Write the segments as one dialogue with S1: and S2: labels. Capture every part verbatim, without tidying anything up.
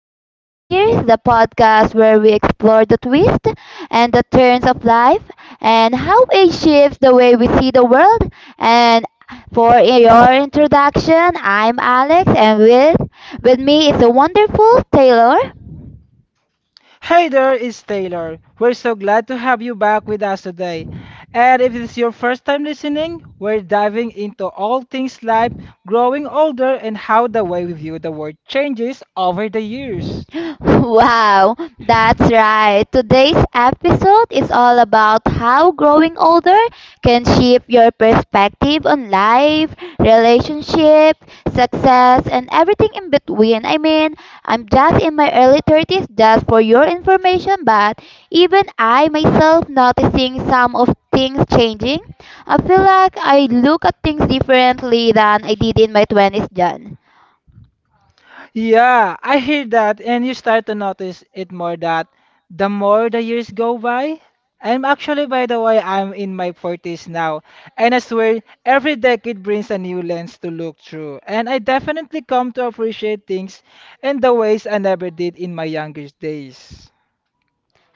S1: to Through the Years, the podcast where we explore the twists and the turns of life and how it shifts the way we see the world. And for your introduction, I'm Alex, and with with me is the wonderful Taylor.
S2: Hey there, it's Taylor. We're so glad to have you back with us today. And if it's your first time listening, we're diving into all things life, growing older, and how the way we view the world changes over the years.
S1: Wow, that's right. Today's episode is all about how growing older can shape your perspective on life, relationship, success, and everything in between. I mean, I'm just in my early thirties, just for your information, but even I myself noticing some of things changing. I feel like I look at things differently than I did in my twenties, John.
S2: Yeah, I hear that, and you start to notice it more that the more the years go by. I'm actually, by the way, I'm in my forties now, and I swear every decade brings a new lens to look through, and I definitely come to appreciate things in the ways I never did in my youngest days.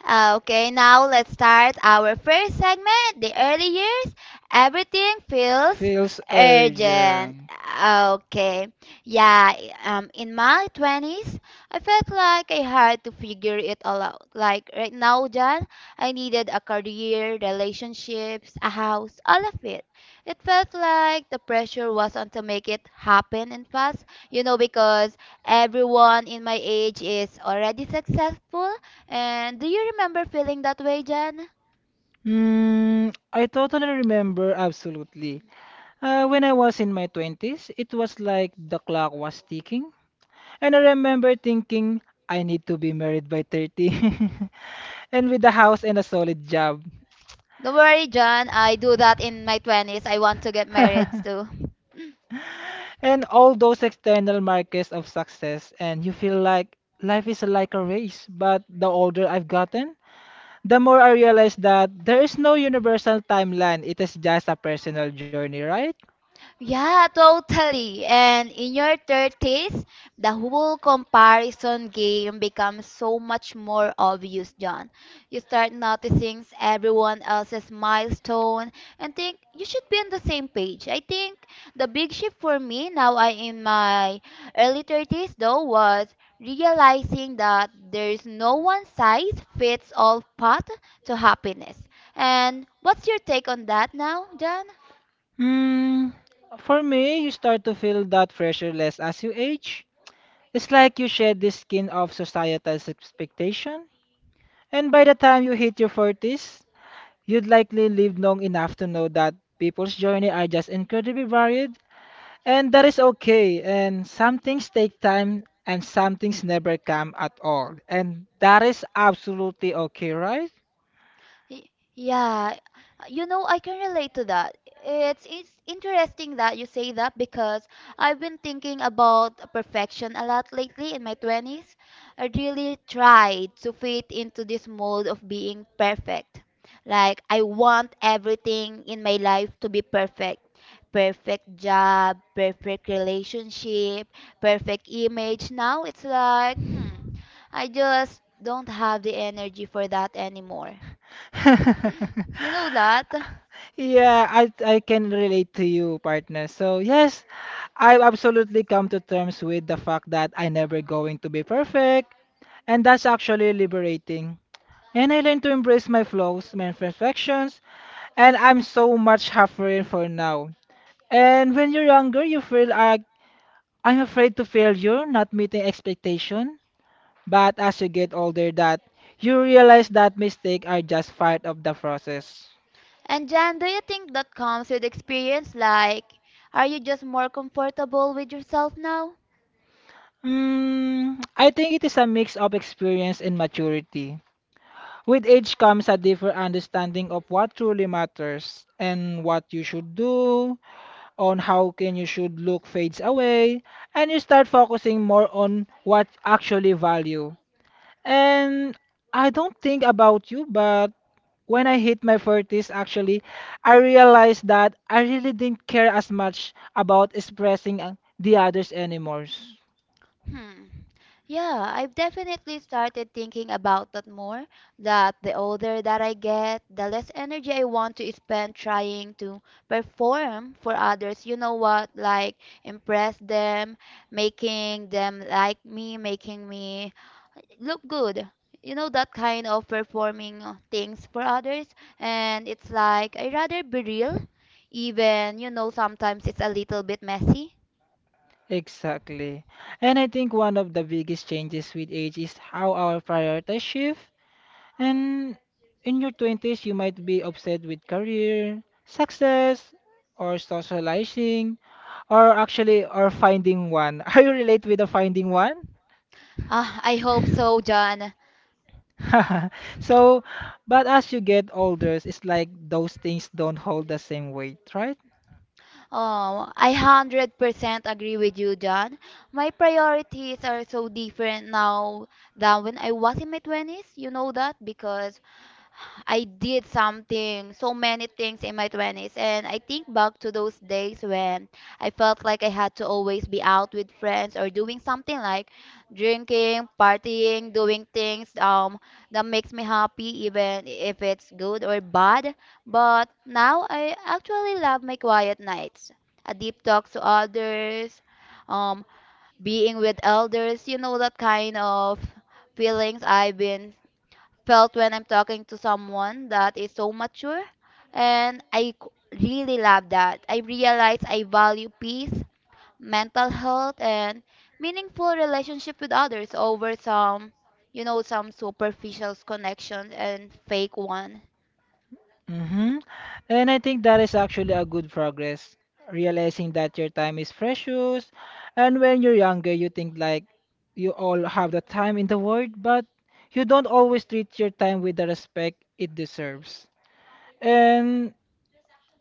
S1: Uh, Okay, now let's start our first segment, the early years. Everything feels
S2: Feels
S1: urgent.
S2: urgent.
S1: Uh, Okay, yeah, i- um, in my twenties, I felt like I had to figure it all out. Like right now, John, I needed a career, relationships, a house, all of it. It felt like the pressure was on to make it happen and fast, you know, because everyone in my age is already successful, and do you remember feeling that way, Jen?
S2: Hmm, I totally remember absolutely. Uh, when I was in my twenties, it was like the clock was ticking. And I remember thinking, I need to be married by thirty and with a house and a solid job.
S1: Don't worry, John. I do that in my twenties. I want to get married too.
S2: And all those external markers of success, and you feel like life is like a race. But the older I've gotten, the more I realize that there is no universal timeline. It is just a personal journey, right?
S1: Yeah, totally. And in your thirties, the whole comparison game becomes so much more obvious, John. You start noticing everyone else's milestone and think you should be on the same page. I think the big shift for me now I in my early thirties though was realizing that there's no one size fits all path to happiness. And what's your take on that now, John?
S2: Hmm. For me, you start to feel that pressure less as you age. It's like you shed the skin of societal's expectation. And by the time you hit your forties, you'd likely lived long enough to know that people's journey are just incredibly varied, and that is okay. And some things take time, and some things never come at all. And that is absolutely okay, right?
S1: Y- Yeah, you know, I can relate to that. It's it's interesting that you say that because I've been thinking about perfection a lot lately in my twenties. I really tried to fit into this mold of being perfect. Like I want everything in my life to be perfect. Perfect job, perfect relationship, perfect image. Now it's like, hmm, I just don't have the energy for that anymore. You know that?
S2: Yeah, I I can relate to you, partner. So yes, I've absolutely come to terms with the fact that I never going to be perfect, and that's actually liberating. And I learned to embrace my flaws, my imperfections, and I'm so much happier for now. And when you're younger, you feel like I'm afraid to failure, not meeting expectation. But as you get older, that you realize that mistakes are just part of the process.
S1: And Jan, do you think that comes with experience? Like, are you just more comfortable with yourself now?
S2: Mm, I think it is a mix of experience and maturity. With age comes a deeper understanding of what truly matters and what you should do, on how can you should look fades away and you start focusing more on what actually value. And I don't think about you, but when I hit my forties actually, I realized that I really didn't care as much about expressing uh, the others anymore.
S1: Hmm. Yeah, I've definitely started thinking about that more. That the older that I get, the less energy I want to spend trying to perform for others. You know what? Like, impress them, making them like me, making me look good, you know, that kind of performing uh, things for others. And it's like I rather be real, even you know sometimes it's a little bit messy.
S2: Exactly. And I think one of the biggest changes with age is how our priorities shift. And in your twenties, you might be obsessed with career, success, or socializing, or actually, or finding one. Are you relate with the finding one?
S1: Ah, I hope so, John.
S2: So, but as you get older, it's like those things don't hold the same weight, right?
S1: Oh, I one hundred percent agree with you, John. My priorities are so different now than when I was in my twenties, you know that, because I did something, so many things in my twenties. And I think back to those days when I felt like I had to always be out with friends or doing something like drinking, partying, doing things um, that makes me happy, even if it's good or bad. But now I actually love my quiet nights, a deep talk to others, um, being with elders, you know, that kind of feelings I've been felt when I'm talking to someone that is so mature. And I c- really love that. I realize I value peace, mental health, and meaningful relationship with others over some, you know, some superficial connections and fake one.
S2: Mm-hmm. And I think that is actually a good progress, realizing that your time is precious. And when you're younger, you think like you all have the time in the world, but you don't always treat your time with the respect it deserves. And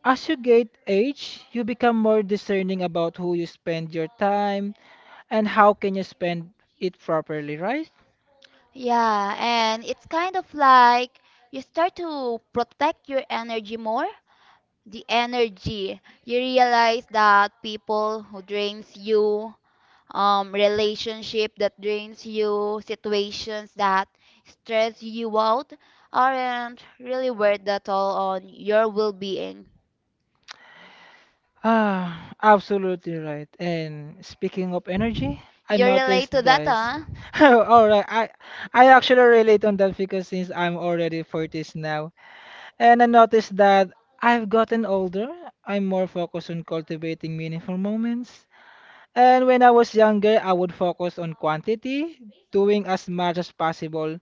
S2: as you get age, you become more discerning about who you spend your time and how can you spend it properly, right?
S1: Yeah, and it's kind of like you start to protect your energy more. The energy. You realize that people who drains you, um, relationship that drains you, situations that stress you out, aren't really worth at all on your well-being.
S2: Ah, absolutely right. And speaking of energy, I
S1: You
S2: noticed
S1: relate to that,
S2: this.
S1: huh?
S2: All right, I I actually relate on that because since I'm already forties now, and I noticed that I've gotten older. I'm more focused on cultivating meaningful moments. And when I was younger, I would focus on quantity, doing as much as possible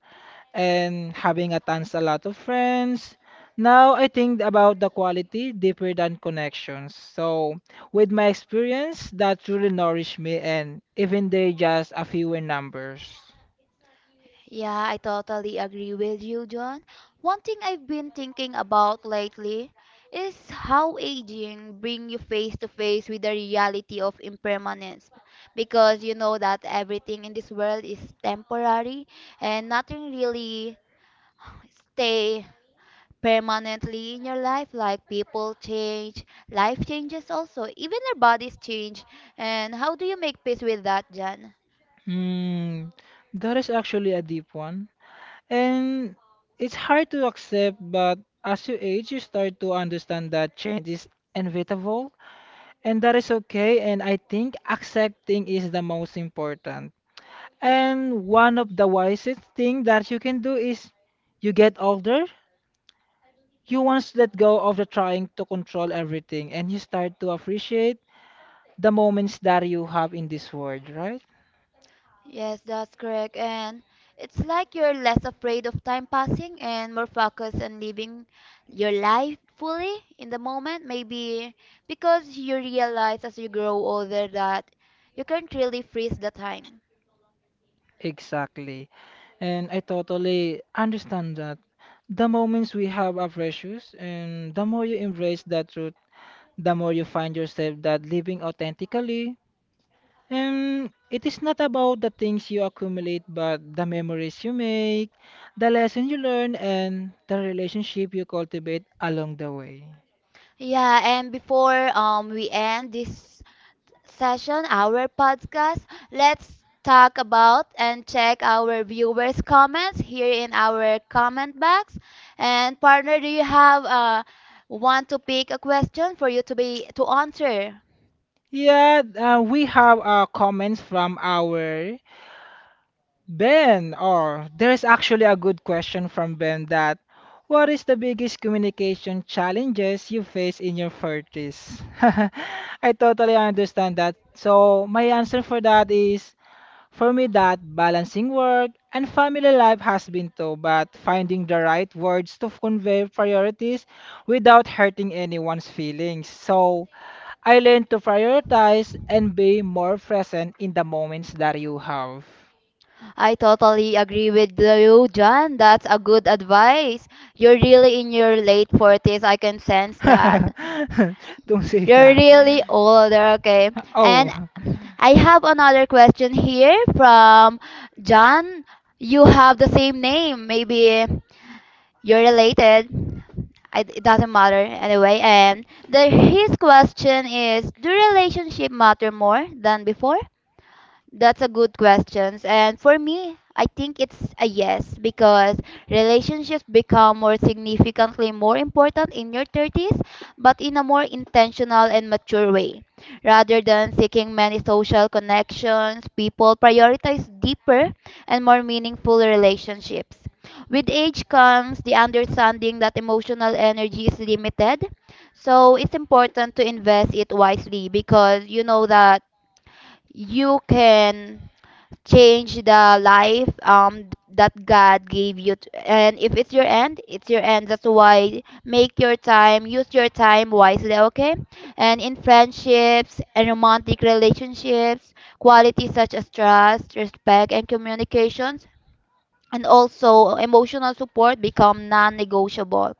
S2: and having a tons a lot of friends. Now I think about the quality deeper than connections. So with my experience, that truly nourish me and even they just a few in numbers.
S1: Yeah, I totally agree with you, John. One thing I've been thinking about lately is how aging bring you face to face with the reality of impermanence, because you know that everything in this world is temporary and nothing really stay permanently in your life. Like people change, life changes also, even our bodies change. And how do you make peace with that, Jan?
S2: Hmm, that is actually a deep one. And it's hard to accept, but as you age, you start to understand that change is inevitable, and that is okay. And I think accepting is the most important.
S1: Y-
S2: And one of the wisest thing that you can do is you get older, you once let go of the trying to control everything, and you start to appreciate the moments that you have in this world, right?
S1: yes, that's correct. And it's like you're less afraid of time passing and more focused on living your life fully in the moment, maybe because you realize as you grow older that you can't really freeze the time.
S2: Exactly. And I totally understand that. The moments we have are precious, and the more you embrace that truth, the more you find yourself that living authentically. And it is not about the things you accumulate, but the memories you make, the lesson you learn, and the relationship you cultivate along the way.
S1: Yeah, and before um we end this session, our podcast. Let's talk about and check our viewers' comments here in our comment box. And partner, do you have uh, want to pick a question for you to be to answer?
S2: Yeah, uh, we have uh, comments from our Ben, or there's actually a good question from Ben that what is the biggest communication challenges you face in your thirties? I totally understand that. So my answer for that is for me that balancing work and family life has been tough, but finding the right words to convey priorities without hurting anyone's feelings. So I learned to prioritize and be more present in the moments that you have.
S1: I totally agree with you, John. That's a good advice. You're really in your late forties. I can sense that.
S2: Don't say
S1: You're
S2: that.
S1: really older, okay? And
S2: Oh.
S1: I have another question here from John. You have the same name. Maybe you're related. I, it doesn't matter anyway. And the, his question is, do relationship matter more than before? That's a good question. And for me, I think it's a yes, because relationships become more significantly more important in your thirties, but in a more intentional and mature way. Rather than seeking many social connections, people prioritize deeper and more meaningful relationships. With age comes the understanding that emotional energy is limited, so it's important to invest it wisely, because you know that you can change the life um that God gave you. T- and if it's your end, it's your end. That's why make your time, use your time wisely, okay? And in friendships and romantic relationships, qualities such as trust, respect, and communications, and also emotional support become non-negotiable.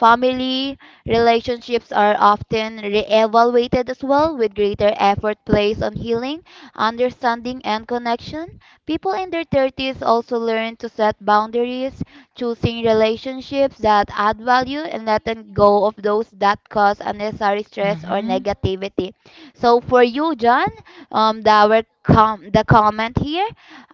S1: Family relationships are often re-evaluated as well, with greater effort placed on healing, understanding, and connection. People in their thirties also learn to set boundaries, choosing relationships that add value and letting go of those that cause unnecessary stress or
S2: Mm-hmm.
S1: negativity. So for you, John, um, the, our com- the comment here,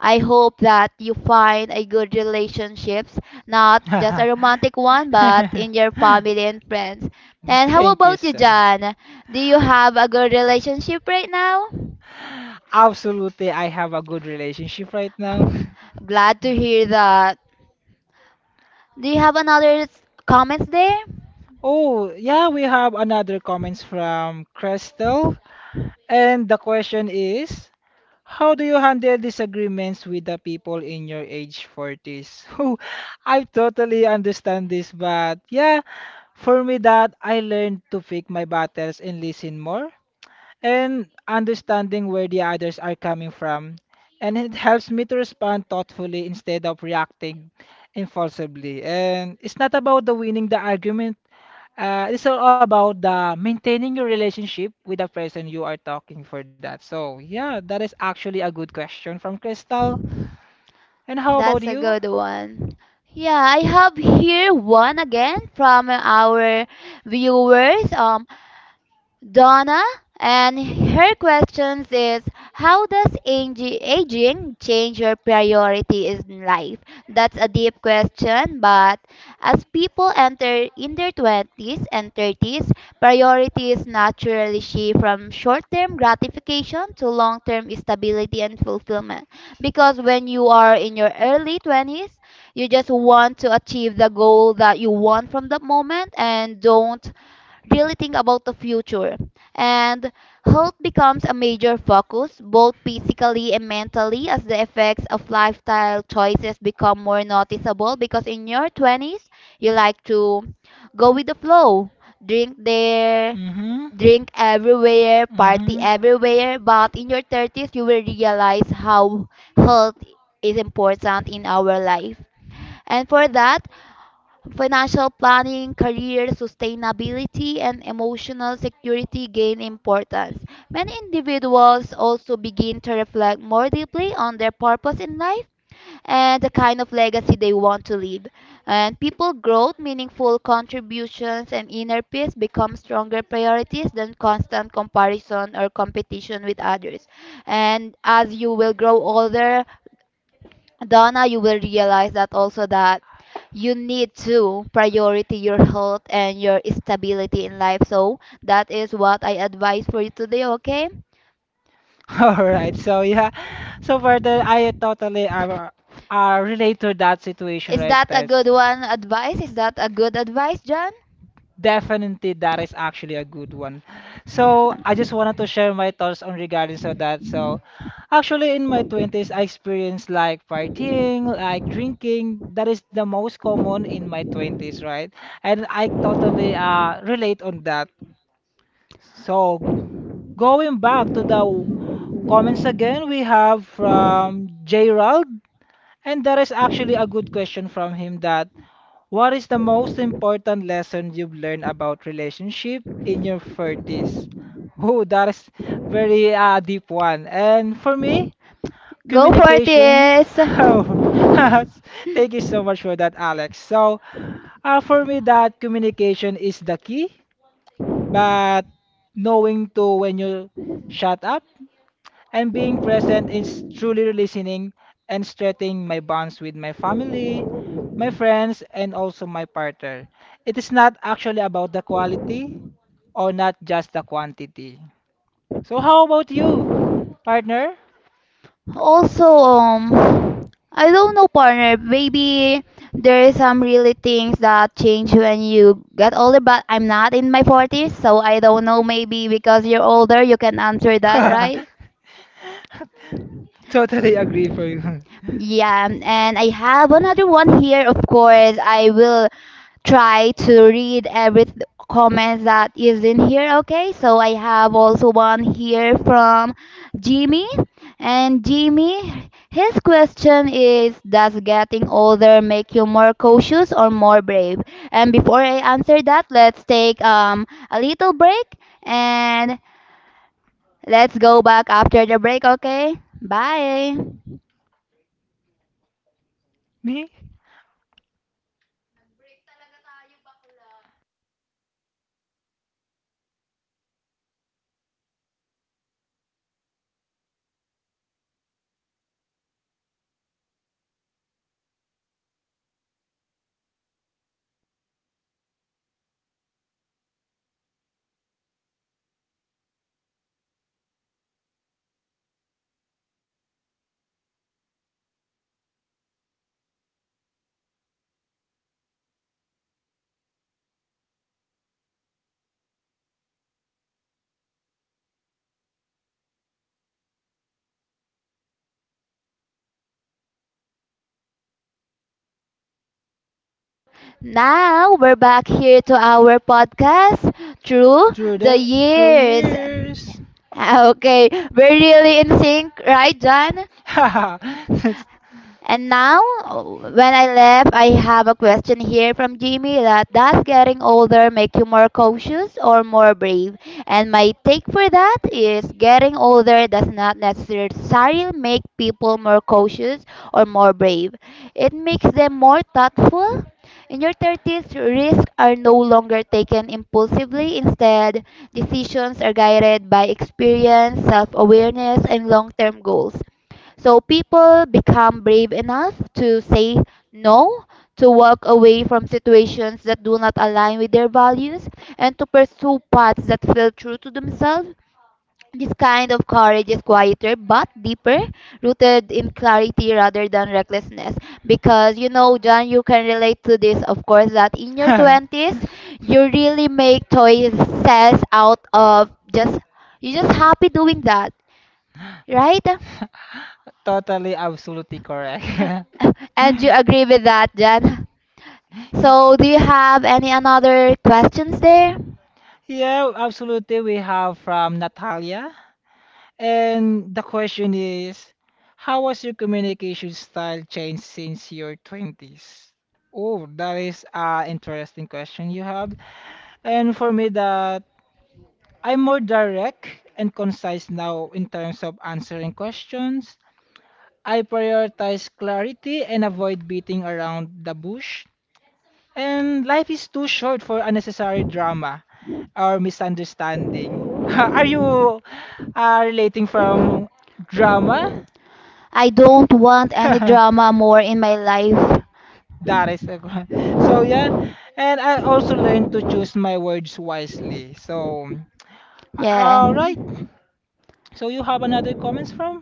S1: I hope that you find a good relationships, not just a romantic one, but in your family and friends. And how
S2: Thank you,
S1: about you,
S2: sir.
S1: Jan? Do you have a good relationship right now?
S2: Absolutely, I have a good relationship right now.
S1: Glad to hear that. Do you have another s- comments there?
S2: Oh, yeah, we have another comments from Crystal. And the question is, how do you handle disagreements with the people in your age forties? I totally understand this, but yeah, for me that I learned to pick my battles and listen more and understanding where the others are coming from. And it helps me to respond thoughtfully instead of reacting impulsively. And it's not about the winning the argument. Uh, it's all about the maintaining your relationship with the person you are talking for that. So yeah, that is actually a good question from Crystal. And how about
S1: That's a
S2: you?
S1: good one. Yeah, I have here one again from our viewers. Um, Donna, and her questions is, how does aging, aging change your priority in life? That's a deep question, but as people enter in their twenties and thirties, priorities naturally shift from short-term gratification to long-term stability and fulfillment. Because when you are in your early twenties, you just want to achieve the goal that you want from the moment and don't really think about the future. And health becomes a major focus, both physically and mentally, as the effects of lifestyle choices become more noticeable. Because in your twenties, you like to go with the flow, drink there,
S2: Mm-hmm.
S1: drink everywhere, party
S2: Mm-hmm.
S1: everywhere. But in your thirties, you will realize how health is important in our life. And for that, financial planning, career sustainability, and emotional security gain importance. Many individuals also begin to reflect more deeply on their purpose in life and the kind of legacy they want to leave. And people growth, meaningful contributions, and inner peace become stronger priorities than constant comparison or competition with others. And as you will grow older, Donna, you will realize that also, that you need to priority your health and your stability in life. So that is what I advise for you today, okay?
S2: All right. So yeah. So for the I totally uh, uh relate to that situation
S1: Is
S2: right
S1: that a
S2: there.
S1: good one advice? Is that a good advice, John?
S2: Definitely, that is actually a good one. So I just wanted to share my thoughts on regarding so that. So actually, in my twenties, I experienced like partying, like drinking. That is the most common in my twenties, right? And I totally uh relate on that. So going back to the w- comments again, we have from Gerald, and that is actually a good question from him that what is the most important lesson you've learned about relationship in your thirties? Oh, that is very uh, deep one. And for me,
S1: Go for it.
S2: communication.
S1: Is.
S2: Oh, thank you so much for that, Alex. So, uh, for me, that communication is the key, but knowing to when you shut up. And being present is truly listening and strengthening my bonds with my family, my friends, and also my partner. It is not actually about the quality or not just the quantity. So how about you, partner?
S1: Also, um, I don't know, partner. Maybe there is some really things that change when you get older, but I'm not in my forties, so I don't know. Maybe because you're older, you can answer that, right?
S2: Totally agree for you.
S1: Yeah, and I have another one here. Of course, I will try to read every th- comment that is in here. Okay, so I have also one here from Jimmy, and Jimmy, his question is, does getting older make you more cautious or more brave? And before I answer that, let's take um a little break, and let's go back after the break. Okay, bye.
S2: Me?
S1: Now we're back here to our podcast through
S2: Through
S1: the
S2: the through
S1: years.
S2: years.
S1: Okay, we're really in sync, right, John?
S2: That's-
S1: And now, oh, when I left, I have a question here from Jimmy, that does getting older make you more cautious or more brave? And my take for that is, getting older does not necessarily make people more cautious or more brave. It makes them more thoughtful. In your thirties, risks are no longer taken impulsively. Instead, decisions are guided by experience, self awareness, and long term goals. So people become brave enough to say no, to walk away from situations that do not align with their values, and to pursue paths that feel true to themselves. This kind of courage is quieter but deeper, rooted in clarity rather than recklessness. Because you know, John, you can relate to this, of course, that in your twenties, you really make choices out of just, you're just happy doing that, right?
S2: Totally, absolutely correct.
S1: And you agree with that, Jan? So, do you have any another questions there?
S2: Yeah, absolutely. We have from Natalia. And the question is, how was your communication style changed since your twenties? Oh, that is an interesting question you have. And for me, that I'm more direct and concise now in terms of answering questions. I prioritize clarity and avoid beating around the bush. And life is too short for unnecessary drama or misunderstanding. Are you uh, relating from drama?
S1: I don't want any drama more in my life.
S2: That is a good. So yeah, and I also learned to choose my words wisely. So
S1: Yeah.
S2: all right. So you have another comments from?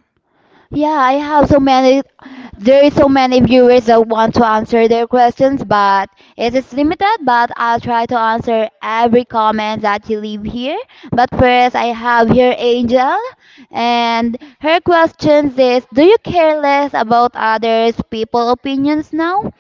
S1: Yeah, I have so many. There is so many viewers that want to answer their questions, but it is limited. But I'll try to answer every comment that you leave here. But first, I have here Angel, and her questions is: do you care less about others' people opinions now?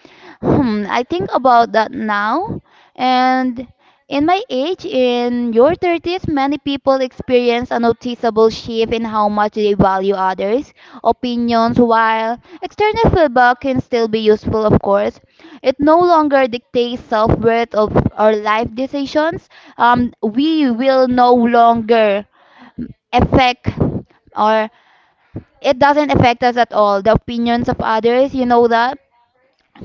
S1: Hmm, I think about that now. And in my age, in your thirties, many people experience a noticeable shift in how much they value others' opinions, while external feedback can still be useful, of course. It no longer dictates self worth of our life decisions. Um, we will no longer affect, or it doesn't affect us at all the opinions of others, you know that.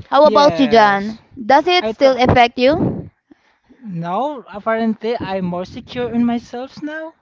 S1: How about you,
S2: Yes.
S1: John? Does it
S2: I
S1: still
S2: th
S1: affect you?
S2: No, apparently I'm more secure in myself now.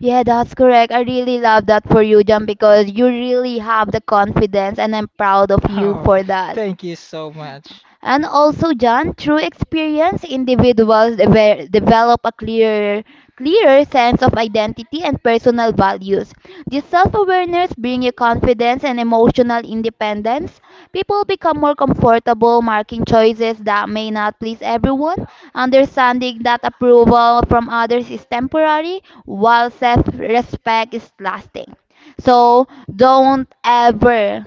S1: Yeah, that's correct. I really love that for you, John, because you really have the confidence, and I'm proud of you
S2: Oh,
S1: for that.
S2: thank you so much.
S1: And also, John, through experience, individuals deve- develop a clearer, clearer sense of identity and personal values. This self-awareness brings you confidence and emotional independence. People become more comfortable making choices that may not please everyone, understanding that approval from others is temporary, while self-respect is lasting. So don't ever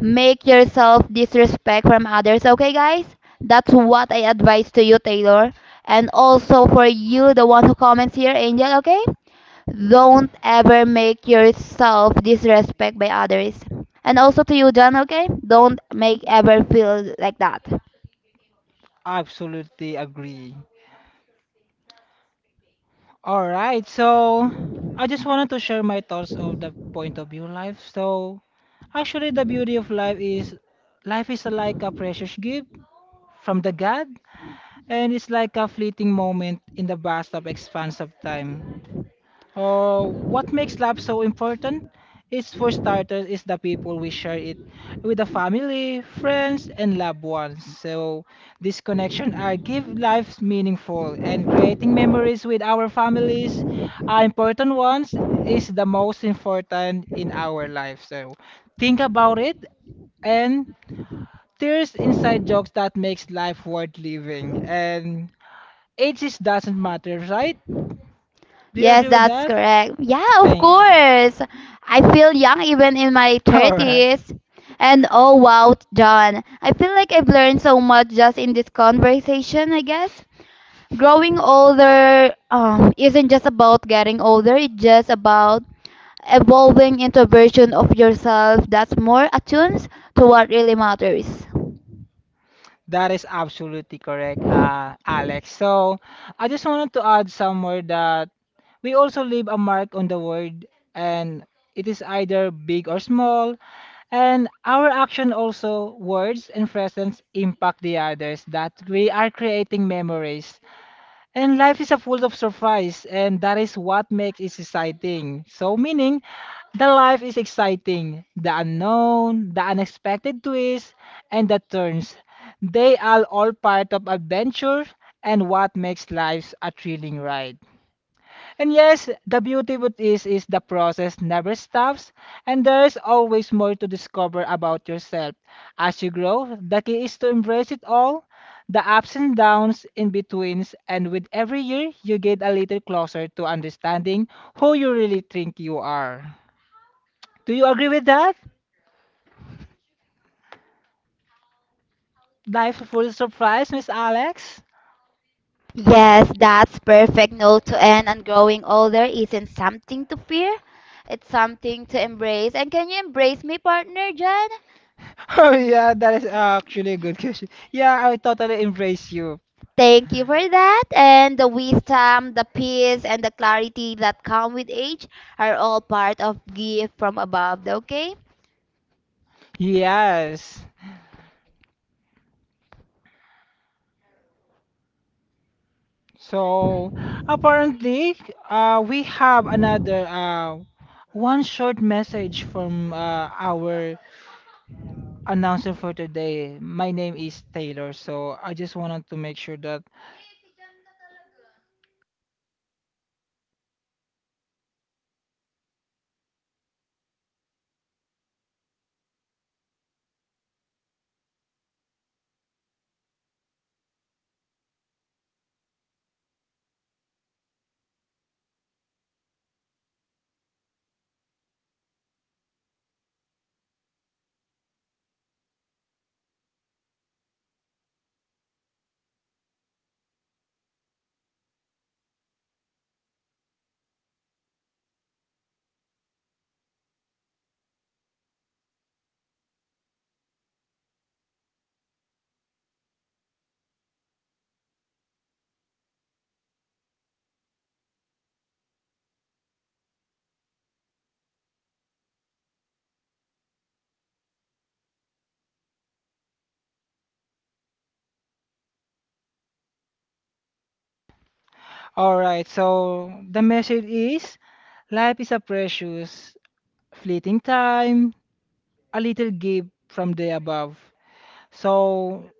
S1: make yourself disrespect from others, okay, guys? That's what I advise to you, Taylor. And also for you, the one who comments here, Angel, okay? Don't ever make yourself disrespect by others. And also to you, John, okay? Don't make ever feel like that.
S2: Absolutely agree. All right. So I just wanted to share my thoughts of the point of view life. So actually the beauty of life is life is like a precious gift from the god, and it's like a fleeting moment in the vast of expanse of time. Oh, what makes love so important? It's for starters, is the people we share it with the family, friends, and loved ones. So this connection are give life meaningful and creating memories with our families are important ones is the most important in our life. So think about it and there's inside jokes that makes life worth living, and ages doesn't matter, right? Do you
S1: Yes,
S2: agree with
S1: that's
S2: that?
S1: correct. Yeah, of
S2: Thank.
S1: course. I feel young even in my
S2: All right.
S1: thirties. And oh wow, John, I feel like I've learned so much just in this conversation, I guess. Growing older um, isn't just about getting older, it's just about evolving into a version of yourself that's more attuned to what really matters.
S2: That is absolutely correct, uh, Alex. So I just wanted to add somewhere that we also leave a mark on the world, and it is either big or small, and our action also, words and presence impact the others that we are creating memories. And life is a full of surprise, and that is what makes it exciting. So, meaning, the life is exciting. The unknown, the unexpected twists, and the turns. They are all part of adventure and what makes life a thrilling ride. And yes, the beauty with is is the process never stops, and there's always more to discover about yourself. As you grow, the key is to embrace it all, the ups and downs, in betweens, and with every year, you get a little closer to understanding who you really think you are. Do you agree with that? Life full surprise, Miss Alex?
S1: Yes, that's perfect note to end, and growing older isn't something to fear. It's something to embrace. And can you embrace me, partner Jen?
S2: Oh yeah, that is actually a good question. Yeah, I totally embrace you.
S1: Thank you for that. And the wisdom, the peace, and the clarity that come with age are all part of gift from above, okay?
S2: Yes. So apparently, uh, we have another uh, one short message from uh, our announcer for today. My name is Taylor, so I just wanted to make sure that. All right, so the message is life is a precious, fleeting time, a little gift from the above. So,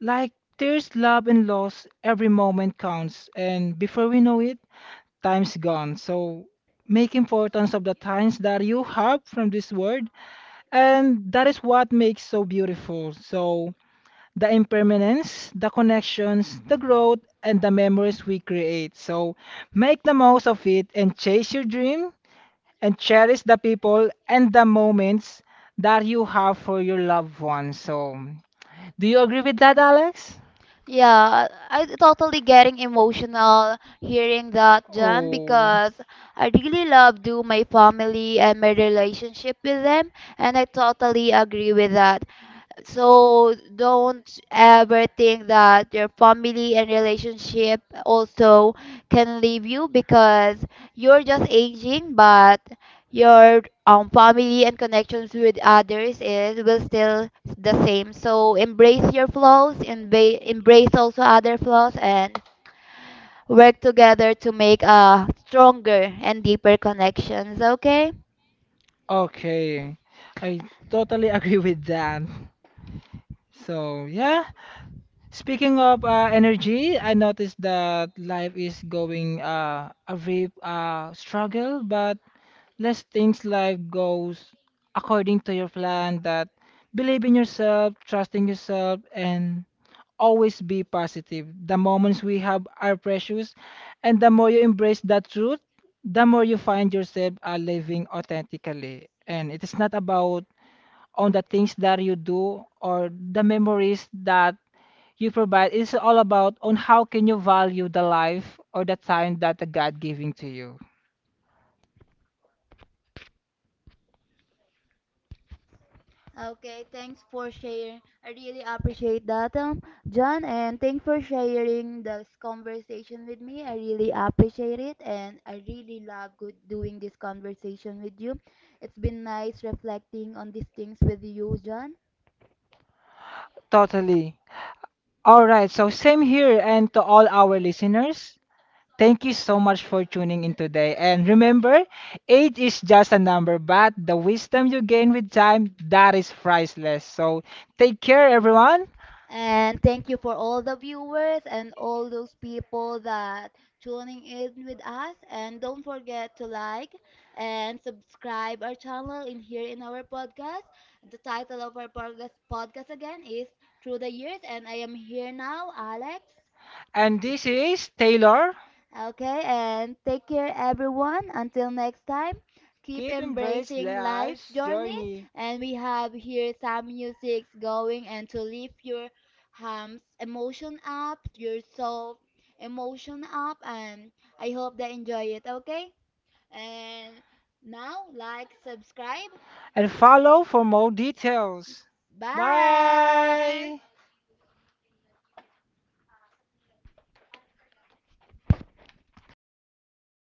S2: like tears, love, and loss, every moment counts. And before we know it, time's gone. So make importance of the times that you have from this world, and that is what makes so beautiful. So the impermanence, the connections, the growth, and the memories we create. So make the most of it and chase your dream and cherish the people and the moments that you have for your loved ones. So do you agree with that, Alex?
S1: Yeah, I totally getting emotional hearing that, John,
S2: Oh,
S1: because I really love do my family and my relationship with them, and I totally agree with that. So don't ever think that your family and relationship also can leave you because you're just aging, but your um, family and connections with others is will still the same. So embrace your flaws, emba- embrace also other flaws, and work together to make a stronger and deeper connections. Okay.
S2: okay. I totally agree with that. So yeah, speaking of uh, energy, I noticed that life is going uh, a real uh, struggle, but less things life goes according to your plan. That believe in yourself, trusting yourself, and always be positive. The moments we have are precious, and the more you embrace that truth, the more you find yourself uh, living authentically. And it is not about on the things that you do or the memories that you provide. It's all about on how can you value the life or the time that the god giving to you. Totally. All right, so same here. And to all our listeners, thank you so much for tuning in today. And remember, age is just a number, but the wisdom you gain with time, that is priceless. So take care, everyone. And this is Taylor. Journey, and follow for more details. Bye.